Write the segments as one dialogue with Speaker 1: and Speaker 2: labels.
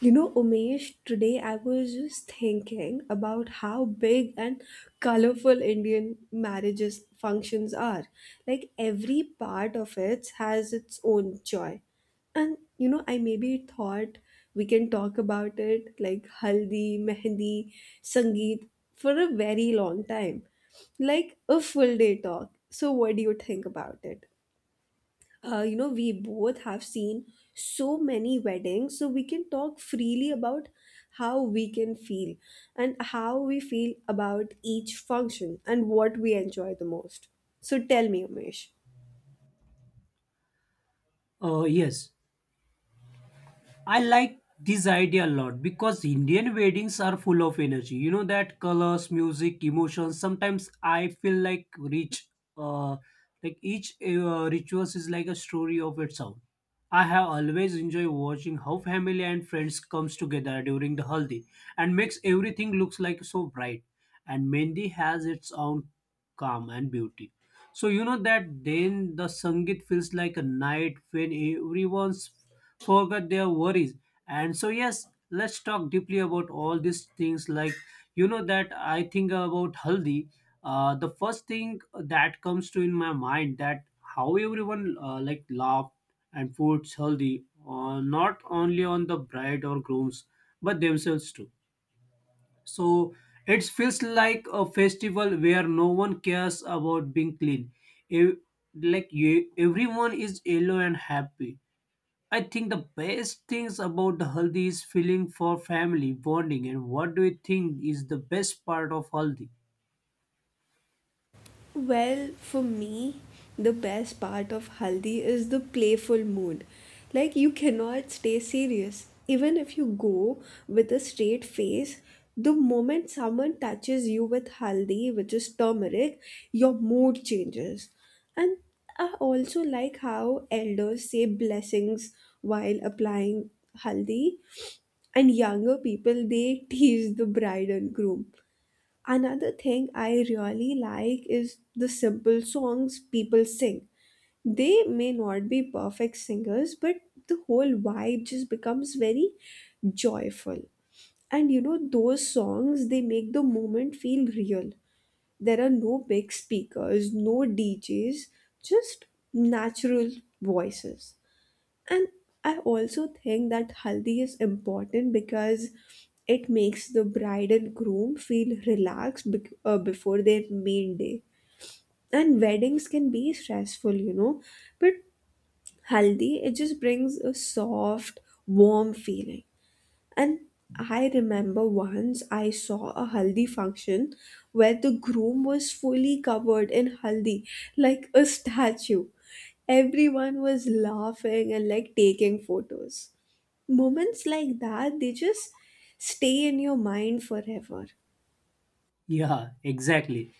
Speaker 1: You know, Umesh, today I was just thinking about how big and colorful Indian marriages functions are. Like every part of it has its own joy. And you know, I maybe thought we can talk about it like haldi, mehndi, sangeet for a very long time. Like a full day talk. So what do you think about it? You know, we both have seen so many weddings, so we can talk freely about how we can feel and how we feel about each function and what we enjoy the most. So tell me, Umesh.
Speaker 2: Uh, yes, I like this idea a lot because Indian weddings are full of energy. You know that colors, music, emotions. Sometimes I feel like rich. Uh, like each rituals is like a story of its own. I have always enjoyed watching how family and friends comes together during the haldi and makes everything looks like so bright. And Mendi has its own calm and beauty. So you know that then the Sangit feels like a night when everyone's forget their worries. And so, yes, let's talk deeply about all these things. Like, that I think about Haldi. The first thing that comes to in my mind that how everyone like laugh and puts Haldi not only on the bride or grooms but themselves too. So it feels like a festival where no one cares about being clean. Ev- like you, everyone is yellow and happy. I think the best things about the haldi is feeling for family bonding. And what do you think is the best part of haldi?
Speaker 1: Well, for me, the best part of Haldi is the playful mood. Like, you cannot stay serious. Even if you go with a straight face, the moment someone touches you with Haldi, which is turmeric, your mood changes. And I also like how elders say blessings while applying Haldi, and younger people they tease the bride and groom. Another thing I really like is the simple songs people sing. They may not be perfect singers, but the whole vibe just becomes very joyful. And you know, those songs, they make the moment feel real. There are no big speakers, no DJs, just natural voices. And I also think that haldi is important because it makes the bride and groom feel relaxed before their main day. And weddings can be stressful, you know, but haldi it just brings a soft, warm feeling. And I remember once I saw a haldi function where the groom was fully covered in haldi, like a statue. Everyone was laughing and like taking photos. Moments like that, they just stay in your mind forever.
Speaker 2: Yeah, exactly.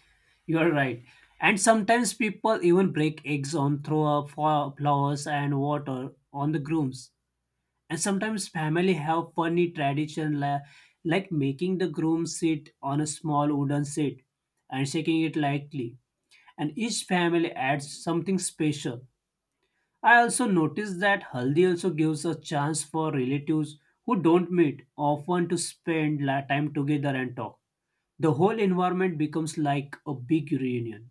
Speaker 2: You are right. And sometimes people even break eggs on throw up flowers and water on the grooms. And sometimes family have funny tradition like making the groom sit on a small wooden seat and shaking it lightly. And each family adds something special. I also noticed that haldi also gives a chance for relatives who don't meet often to spend time together and talk. The whole environment becomes like a big reunion,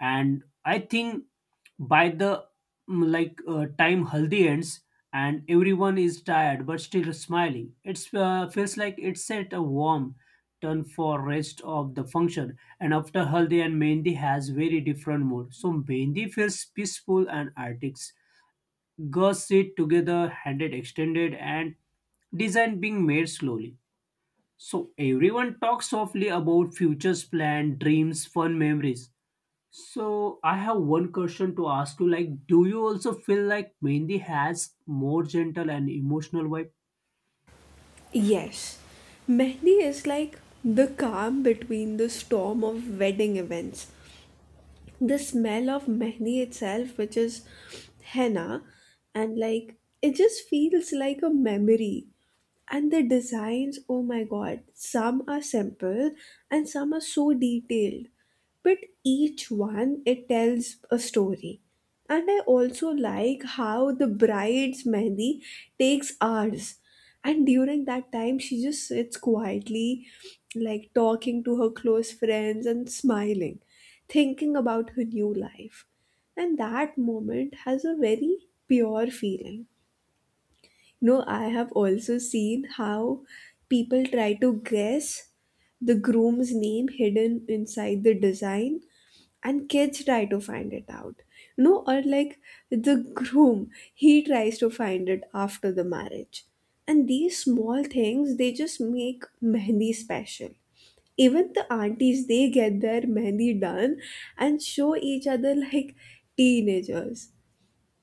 Speaker 2: and I think by the time haldi ends and everyone is tired but still smiling, it feels like it set a warm tone for rest of the function. And after haldi and mehendi has very different mood. So mehendi feels peaceful and artistic. Girls sit together, handed extended, and design being made slowly. So everyone talks softly about futures plan, dreams, fun memories. So I have one question to ask you, like, do you also feel like Mendi has more gentle and emotional vibe?
Speaker 1: Yes, mehndi is like the calm between the storm of wedding events. The smell of mehndi itself, which is henna, and like, it just feels like a memory. And the designs, oh my god, some are simple and some are so detailed, but each one, it tells a story. And I also like how the bride's mehndi takes hours, and during that time she just sits quietly, like talking to her close friends and smiling, thinking about her new life. And that moment has a very pure feeling. No, I have also seen how people try to guess the groom's name hidden inside the design, and kids try to find it out. No, or like the groom, he tries to find it after the marriage. And these small things, they just make mehndi special. Even the aunties, they get their mehndi done and show each other like teenagers.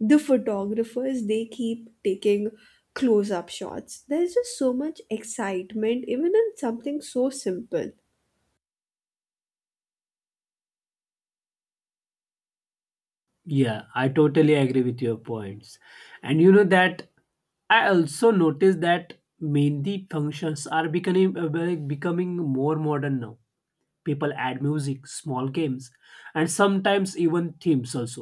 Speaker 1: The photographers, they keep taking close up shots. There's just so much excitement even in something so simple.
Speaker 2: Yeah, I totally agree with your points. And you know that I also noticed that mehndi functions are becoming becoming more modern now. People add music, small games, and sometimes even themes also.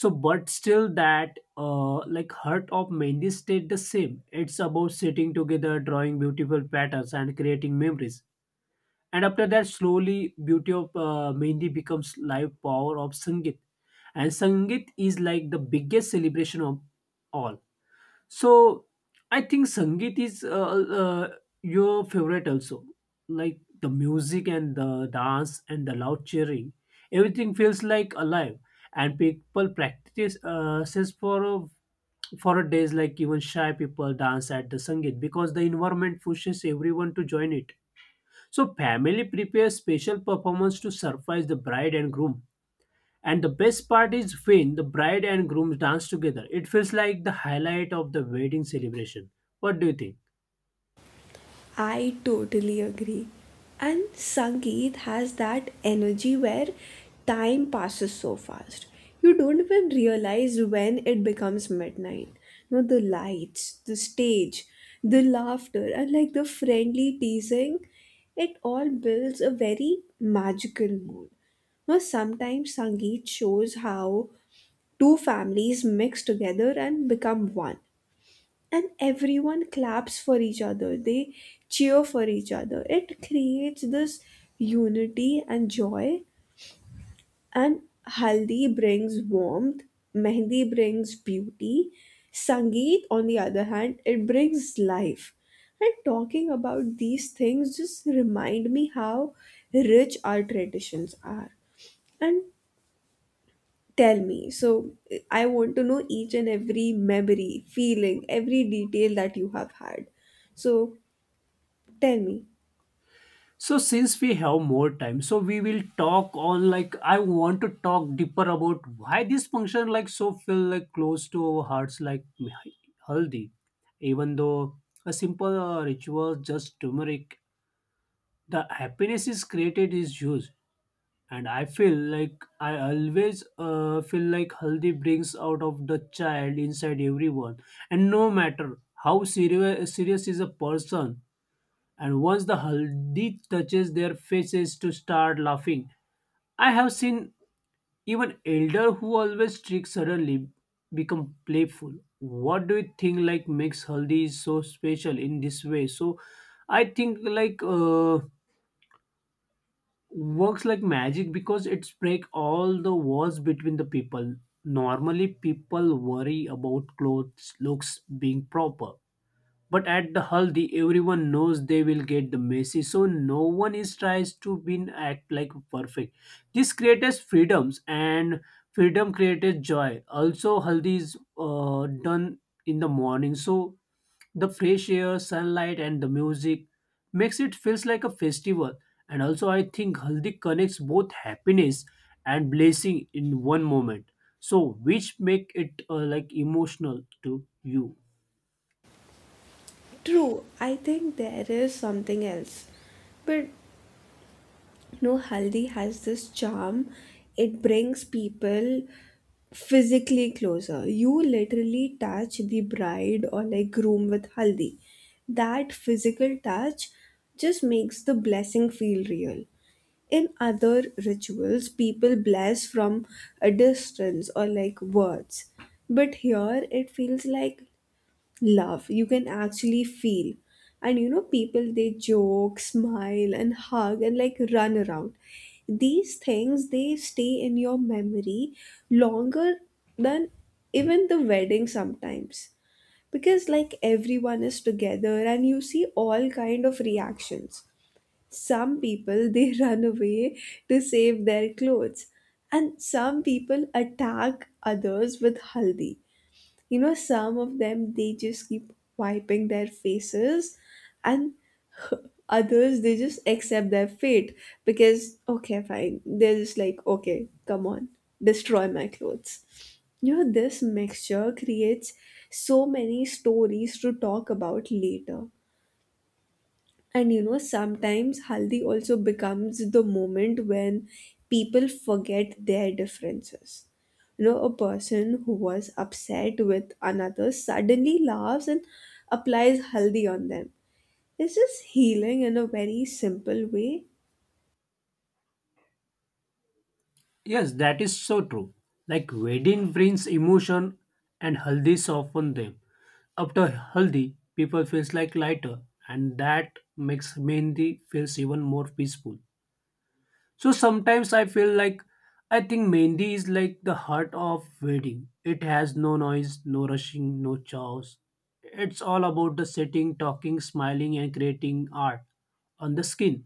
Speaker 2: So but still that like heart of mehndi stayed the same. It's about sitting together, drawing beautiful patterns, and creating memories. And after that, slowly beauty of mehndi becomes live power of sangeet. And sangeet is like the biggest celebration of all. So I think Sangeet is your favorite also. Like the music and the dance and the loud cheering, everything feels like alive. And people practice says for for a days. Like even shy people dance at the Sangeet because the environment pushes everyone to join it. So family prepares special performance to surprise the bride and groom, and the best part is when the bride and groom dance together. It feels like the highlight of the wedding celebration. What do you think?
Speaker 1: I totally agree. And Sangeet has that energy where time passes so fast. You don't even realize when it becomes midnight. No, the lights, the stage, the laughter, and like the friendly teasing, it all builds a very magical mood. Now, sometimes Sangeet shows how two families mix together and become one, and everyone claps for each other, they cheer for each other. It creates this unity and joy. And haldi brings warmth, mehndi brings beauty, sangeet on the other hand it brings life. And talking about these things just remind me how rich our traditions are. And tell me, so, I want to know each and every memory, feeling, every detail that you have had. So tell me.
Speaker 2: So since we have more time, so we will talk on, like, I want to talk deeper about why this function like so feel like close to our hearts, like haldi, even though a simple ritual, just turmeric. The happiness is created is huge. And I feel like I always feel like haldi brings out of the child inside everyone. And no matter how serious is a person, and once the haldi touches their faces to start laughing, I have seen even elder who always strict suddenly become playful. What do you think like makes haldi so special in this way? So I think like works like magic because it's break all the walls between the people. Normally people worry about clothes, looks, being proper, but at the haldi everyone knows they will get the messy, so no one is tries to be act like perfect. This creates freedoms, and freedom creates joy. Also haldi is done in the morning, so the fresh air, sunlight, and the music makes it feels like a festival. And also, I think haldi connects both happiness and blessing in one moment. So, which make it like emotional to you?
Speaker 1: True, I think there is something else. But no, haldi has this charm. It brings people physically closer. You literally touch the bride or like groom with haldi. That physical touch just makes the blessing feel real. In other rituals, people bless from a distance or like words. But here it feels like love you can actually feel. And you know, people, they joke, smile and hug and like run around. These things, they stay in your memory longer than even the wedding sometimes, because like everyone is together and you see all kind of reactions. Some people they run away to save their clothes, and some people attack others with haldi. You know, some of them they just keep wiping their faces, and others they just accept their fate, because okay fine, they're just like okay, come on, destroy my clothes. You know, this mixture creates so many stories to talk about later. And you know, sometimes haldi also becomes the moment when people forget their differences. You know, a person who was upset with another suddenly laughs and applies haldi on them. It's just healing in a very simple way.
Speaker 2: Yes, that is so true. Like wedding brings emotion, and haldi soften them. After haldi, people feels like lighter, and that makes mehndi feels even more peaceful. So sometimes I feel like I think Mendi is like the heart of wedding. It has no noise, no rushing, no chaos. It's all about the sitting, talking, smiling, and creating art on the skin.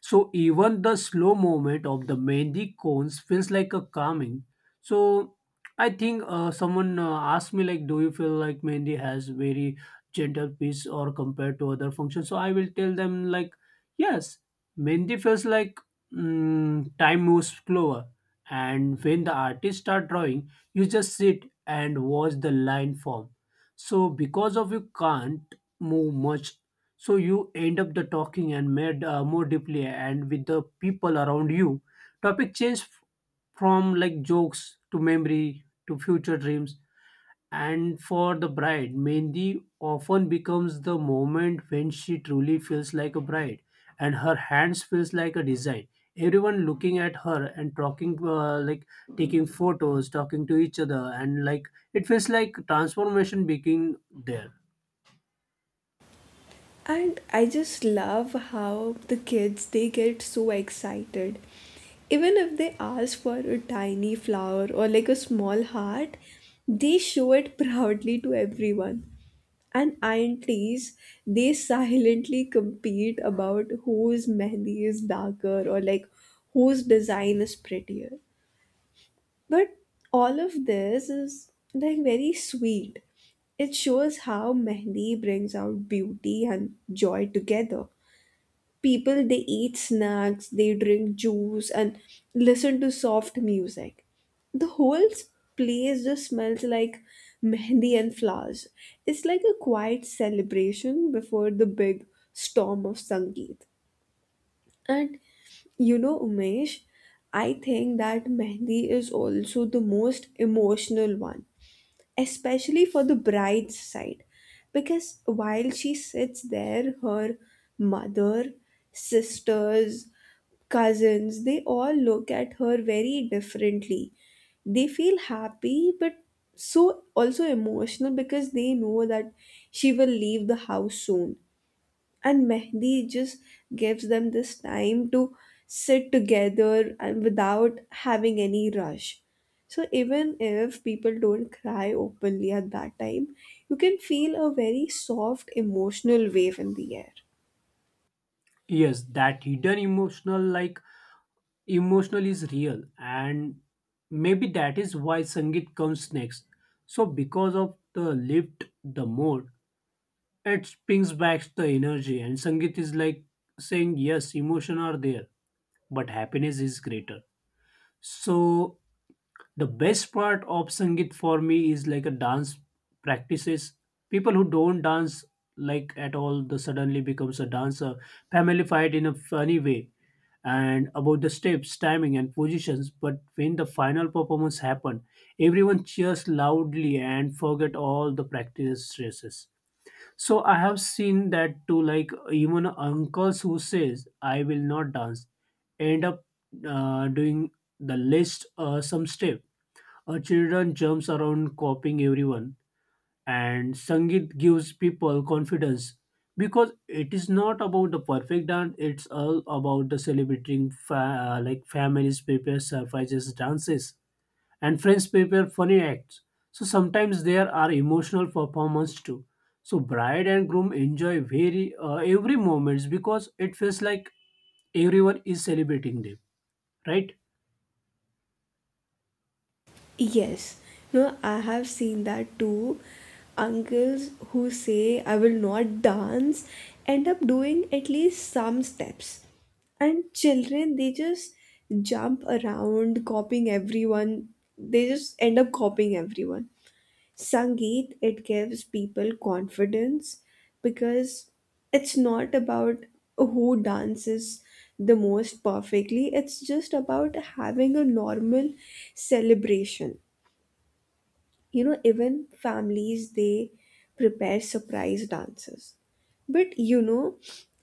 Speaker 2: So even the slow movement of the mehndi cones feels like a calming. So I think someone asked me like, do you feel like mehndi has very gentle piece or compared to other functions? So I will tell them like, yes, mehndi feels like time moves slower. And when the artist start drawing, you just sit and watch the line form. So because of you can't move much, so you end up the talking and made more deeply and with the people around you. Topic change from like jokes to memory to future dreams. And for the bride, mehndi often becomes the moment when she truly feels like a bride, and her hands feels like a design. Everyone looking at her and talking, like, taking photos, talking to each other, and like it feels like transformation begin there.
Speaker 1: And I just love how the kids they get so excited. Even if they ask for a tiny flower or like a small heart, they show it proudly to everyone. And aunties, they silently compete about whose mehndi is darker or like whose design is prettier. But all of this is like very sweet. It shows how mehndi brings out beauty and joy together. People they eat snacks, they drink juice and listen to soft music. The whole place just smells like mehndi and flowers. It's like a quiet celebration before the big storm of sangeet. And you know, Umesh, I think that mehndi is also the most emotional one, especially for the bride's side, because while she sits there, her mother, sisters, cousins, they all look at her very differently. They feel happy but so also emotional, because they know that she will leave the house soon. And mehndi just gives them this time to sit together and without having any rush. So even if people don't cry openly at that time, you can feel a very soft emotional wave in the air.
Speaker 2: Yes, that hidden emotional, like emotional is real. And maybe that is why sangeet comes next. So because of the lift the mood, it pings back the energy, and sangeet is like saying yes emotion are there, but happiness is greater. So the best part of Sangeet for me is like a dance practices. People who don't dance like at all, the suddenly becomes a dancer, familified in a funny way, and about the steps, timing, and positions. But when the final performance happen, everyone cheers loudly and forget all the practice stresses. So I have seen that too, like even uncles who says I will not dance, end up doing the list some step. Children jumps around copying everyone, and Sangeet gives people confidence because it is not about the perfect dance. It's all about the celebrating like families prepare surprises, dances, and friends prepare funny acts. So sometimes there are emotional performance too. So bride and groom enjoy very every moments because it feels like everyone is celebrating them, right?
Speaker 1: Yes. No, I have seen that too. Uncles who say I will not dance end up doing at least some steps. And children, they just jump around, copying everyone. They just end up copying everyone. Sangeet, it gives people confidence, because it's not about who dances the most perfectly, it's just about having a normal celebration. You know, even families, they prepare surprise dances. But you know,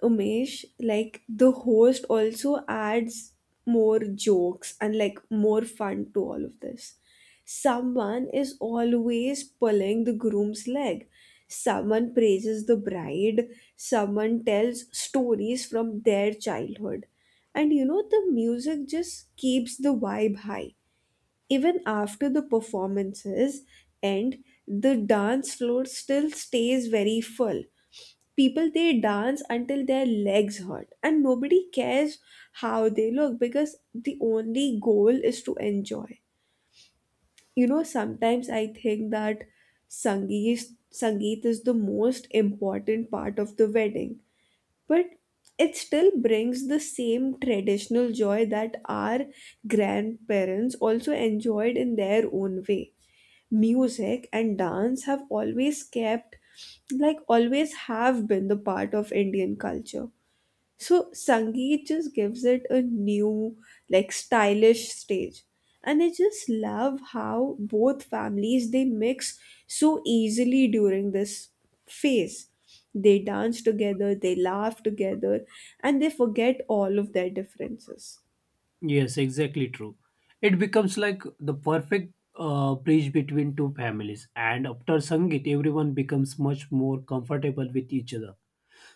Speaker 1: Umesh, like the host also adds more jokes and like more fun to all of this. Someone is always pulling the groom's leg, someone praises the bride, someone tells stories from their childhood. And you know, the music just keeps the vibe high. Even after the performances end, the dance floor still stays very full. People they dance until their legs hurt, and nobody cares how they look because the only goal is to enjoy. You know, sometimes I think that sangeet sangeet is the most important part of the wedding, but it still brings the same traditional joy that our grandparents also enjoyed in their own way. Music and dance have always kept, like, always have been the part of Indian culture. So Sangeet just gives it a new, like stylish stage. And I just love how both families they mix so easily during this phase. They dance together, they laugh together, and they forget all of their differences.
Speaker 2: Yes, exactly true. It becomes like the perfect bridge between two families, and after Sangeet, everyone becomes much more comfortable with each other.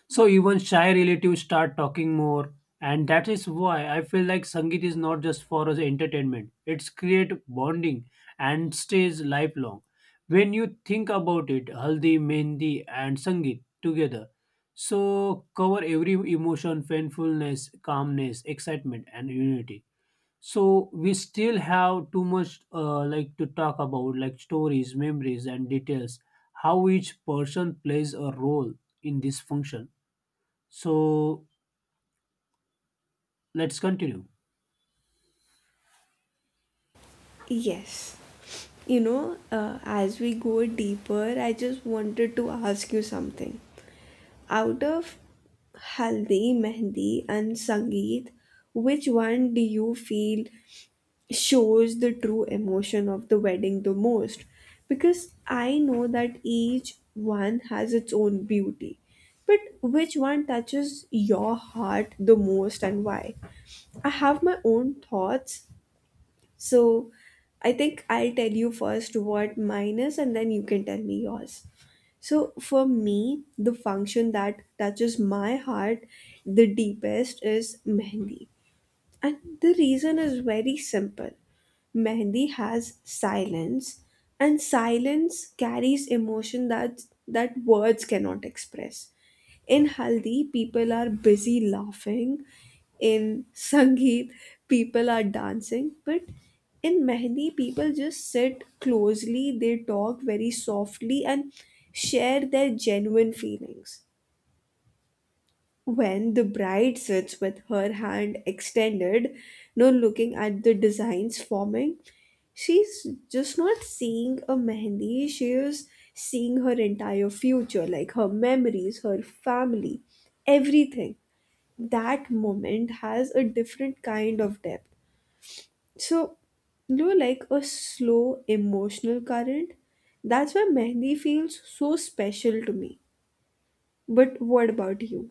Speaker 2: So even shy relatives start talking more, and that is why I feel like Sangeet is not just for us entertainment. It's create bonding and stays lifelong. When you think about it, Haldi, Mehndi, and Sangeet together so cover every emotion, painfulness, calmness, excitement, and unity. So we still have too much like to talk about, like stories, memories, and details, how each person plays a role in this function. So let's continue.
Speaker 1: Yes. You know, as we go deeper, I just wanted to ask you something. Out of Haldi, Mehndi, and Sangeet, which one do you feel shows the true emotion of the wedding the most? Because I know that each one has its own beauty. But which one touches your heart the most and why? I have my own thoughts, so I think I'll tell you first what mine is and then you can tell me yours. So for me, the function that touches my heart the deepest is mehendi. And the reason is very simple. Mehndi has silence, and silence carries emotion that words cannot express. In Haldi, people are busy laughing. In Sangeet, people are dancing. But in Mehndi, people just sit closely, they talk very softly, and share their genuine feelings. When the bride sits with her hand extended, no looking at the designs forming, she's just not seeing a mehendi, she is seeing her entire future, like her memories, her family, everything. That moment has a different kind of depth. So, you know, like a slow emotional current, that's why mehendi feels so special to me. But what about you?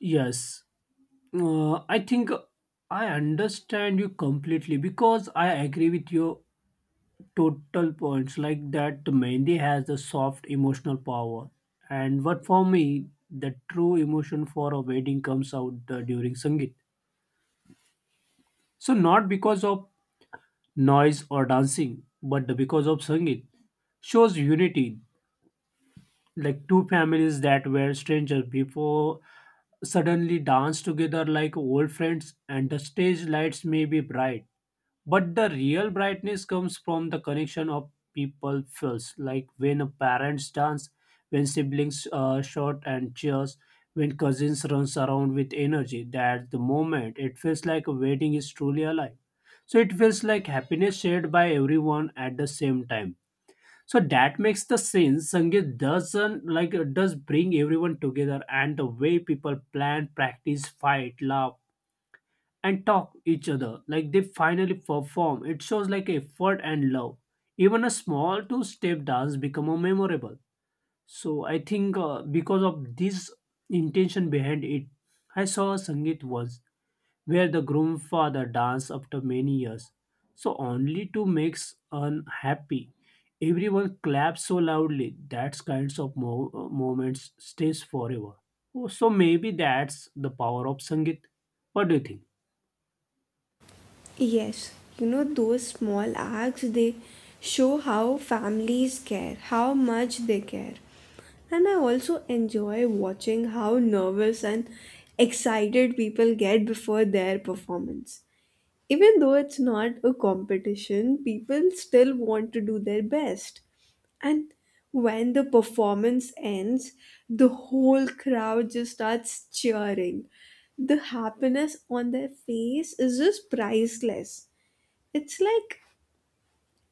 Speaker 2: Yes. I think I understand you completely because I agree with your total points, like that Mehndi has the soft emotional power. And what for me, the true emotion for a wedding comes out during Sangeet. So not because of noise or dancing, but because of Sangeet shows unity, like two families that were strangers before suddenly dance together like old friends, and the stage lights may be bright but the real brightness comes from the connection of people feels like when parents dance, when siblings shout and cheers, when cousins runs around with energy. That's the moment it feels like a wedding is truly alive. So it feels like happiness shared by everyone at the same time. So that makes the sense. Sangeet doesn't like does bring everyone together, and the way people plan, practice, fight, laugh and talk each other, like they finally perform it, shows like effort and love. Even a small two step dance become a memorable. So I think because of this intention behind it, I saw a sangeet once where the groom father danced after many years, so only to make unhappy everyone claps so loudly. That kinds of moments stays forever. Oh, so maybe that's the power of sangeet. What do you think?
Speaker 1: Yes, you know, those small acts, they show how families care, how much they care. And I also enjoy watching how nervous and excited people get before their performance. Even though it's not a competition, people still want to do their best. And when the performance ends, the whole crowd just starts cheering. The happiness on their face is just priceless. It's like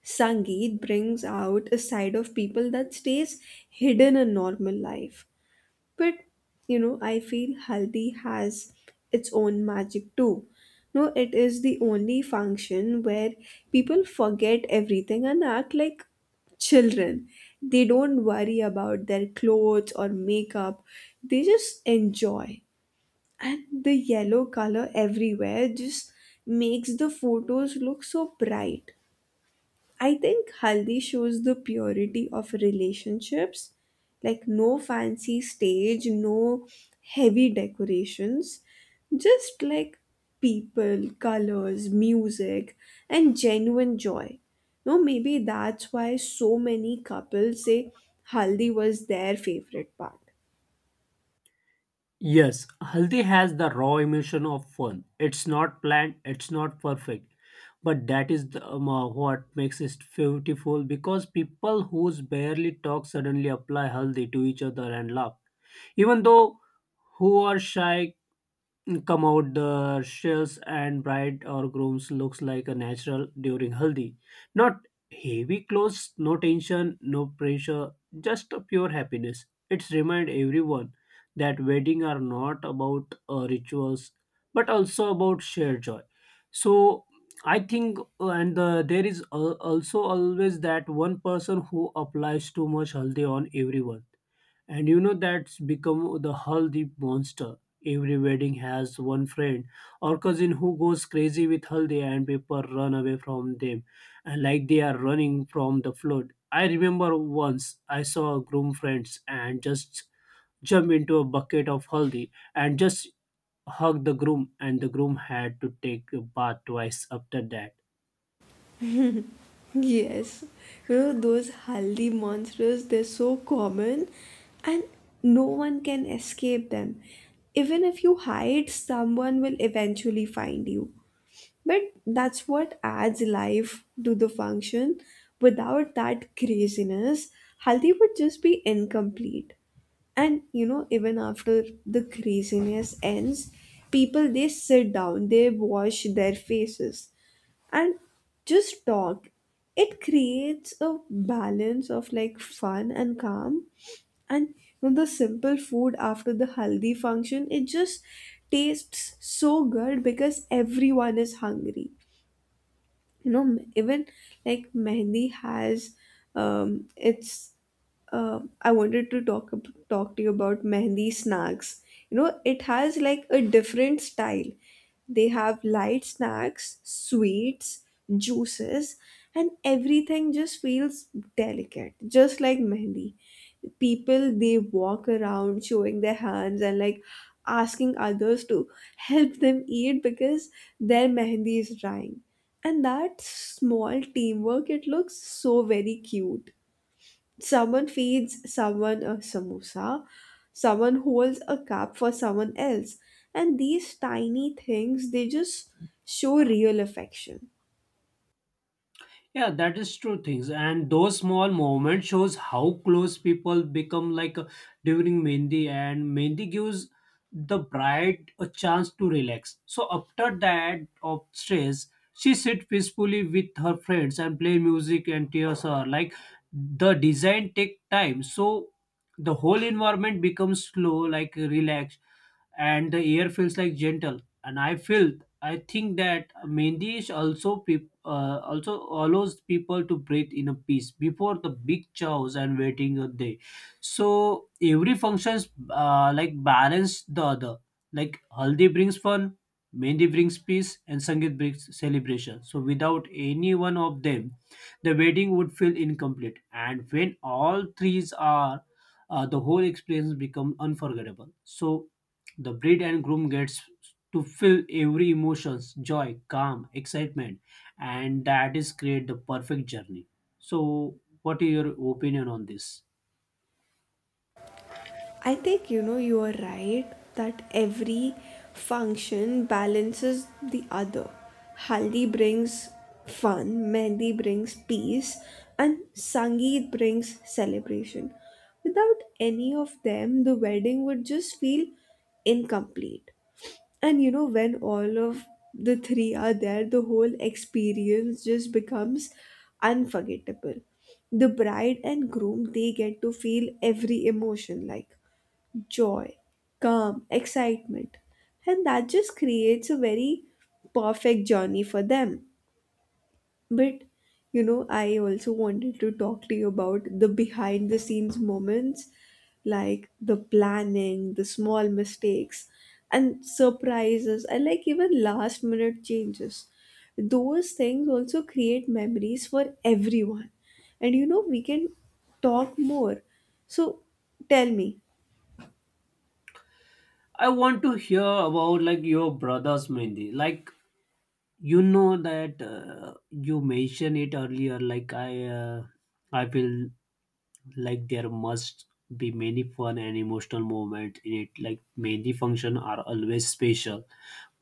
Speaker 1: Sangeet brings out a side of people that stays hidden in normal life. But you know, I feel haldi has its own magic too. No, it is the only function where people forget everything and act like children. They don't worry about their clothes or makeup, they just enjoy. And the yellow color everywhere just makes the photos look so bright. I think haldi shows the purity of relationships, like no fancy stage, no heavy decorations, just like people, colors, music, and genuine joy. No, maybe that's why so many couples say haldi was their favorite part.
Speaker 2: Yes, haldi has the raw emotion of fun. It's not planned, it's not perfect, but that is the, what makes it beautiful, because people who's barely talk suddenly apply haldi to each other and laugh. Even though who are shy come out the shells, and bride or grooms looks like a natural during haldi. Not heavy clothes, no tension, no pressure, just a pure happiness. It's remind everyone that wedding are not about rituals but also about shared joy. So I think and there is also always that one person who applies too much haldi on everyone, and you know that's become the haldi monster. Every wedding has one friend or cousin who goes crazy with haldi, and people run away from them, and like they are running from the flood. I remember once I saw a groom friends and just jump into a bucket of haldi and just hugged the groom, and the groom had to take a bath twice after that.
Speaker 1: Yes, you know those haldi monsters, they're so common and no one can escape them. Even if you hide, someone will eventually find you. But that's what adds life to the function. Without that craziness, haldi would just be incomplete. And you know, even after the craziness ends, people they sit down, they wash their faces and just talk. It creates a balance of like fun and calm. And you know, the simple food after the haldi function it just tastes so good because everyone is hungry, you know. Even like mehndi has it's I wanted to talk to you about mehndi snacks, you know. It has like a different style. They have light snacks, sweets, juices, and everything just feels delicate, just like mehndi. People they walk around showing their hands and like asking others to help them eat because their mehendi is drying, and that small teamwork it looks so very cute. Someone feeds someone a samosa, someone holds a cup for someone else, and these tiny things they just show real affection.
Speaker 2: Yeah, that is true things. And those small moments shows how close people become, like during Mendi. And Mendi gives the bride a chance to relax. So after that of stress, she sit peacefully with her friends and play music and tears her. Like the design take time. So the whole environment becomes slow, like relaxed, and the air feels like gentle. And I feel I think that Mendi is also people also allows people to breathe in a peace before the big chows and waiting a day. So every functions like balance the other. Like Haldi brings fun, Mehndi brings peace, and Sangeet brings celebration. So without any one of them, the wedding would feel incomplete. And when all three are, the whole experience becomes unforgettable. So the bride and groom gets to feel every emotions, joy, calm, excitement, and that is create the perfect journey. So what is your opinion on this?
Speaker 1: I think you know you are right that every function balances the other. Haldi brings fun, Mehndi brings peace, and Sangeet brings celebration. Without any of them, the wedding would just feel incomplete. And you know, when all of the three are there, the whole experience just becomes unforgettable. The bride and groom they get to feel every emotion like joy, calm, excitement, and that just creates a very perfect journey for them. But you know, I also wanted to talk to you about the behind the scenes moments like the planning, the small mistakes, and surprises, and like even last minute changes. Those things also create memories for everyone. And you know, we can talk more. So tell me,
Speaker 2: I want to hear about like your brothers mainly, like you know that you mentioned it earlier like I feel like there must be many fun and emotional moment in it, like many function are always special,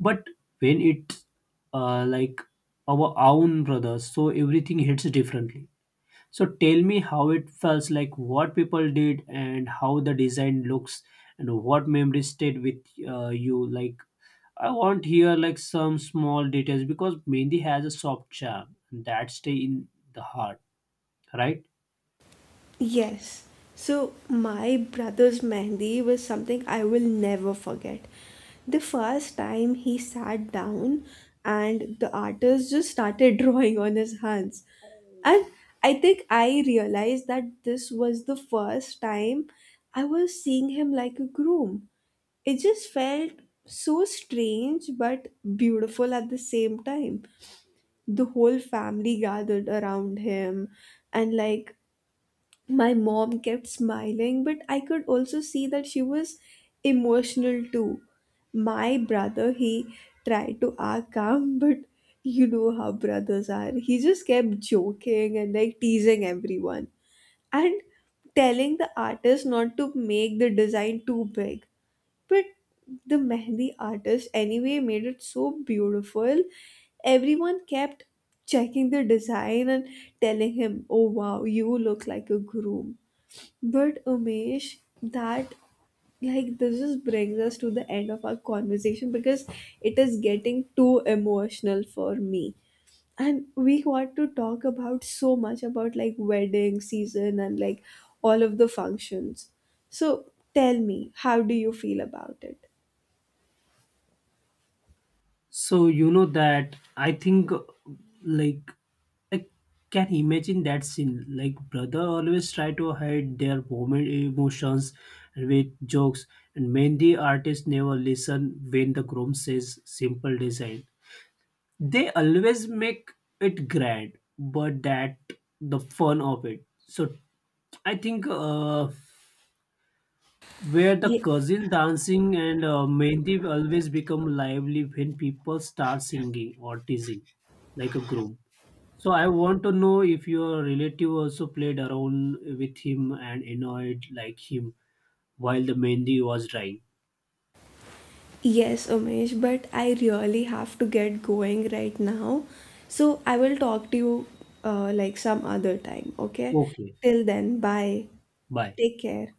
Speaker 2: but when it like our own brothers, so everything hits differently. So tell me how it felt like, what people did, and how the design looks, and what memory stayed with you. Like, I want here like some small details because Mendi has a soft charm that stay in the heart, right?
Speaker 1: yes. So my brother's mehndi was something I will never forget. The first time he sat down and the artist just started drawing on his hands. And I think I realized that this was the first time I was seeing him like a groom. It just felt so strange but beautiful at the same time. The whole family gathered around him, and like my mom kept smiling, but I could also see that she was emotional too. My brother, he tried to act calm, but you know how brothers are. He just kept joking and like teasing everyone and telling the artist not to make the design too big. But the Mehndi artist, anyway, made it so beautiful. Everyone kept checking the design and telling him, "Oh wow, you look like a groom." But Umesh, that like this just brings us to the end of our conversation because it is getting too emotional for me. And we want to talk about so much about like wedding season and like all of the functions. So tell me, how do you feel about it?
Speaker 2: So you know that I think like I can imagine that scene. Like brother always try to hide their moment emotions with jokes, and many artists never listen when the groom says simple design. They always make it grand, but that the fun of it. So I think where the
Speaker 1: Ye-
Speaker 2: cousin dancing and mehndi always become lively when people start singing or teasing like a group. So I want to know if your relative also played around with him and annoyed like him while the mehendi was drying.
Speaker 1: yes, Umesh, but I really have to get going right now. So I will talk to you like some other time, okay?
Speaker 2: Okay,
Speaker 1: Till then, bye.
Speaker 2: bye.
Speaker 1: Take care.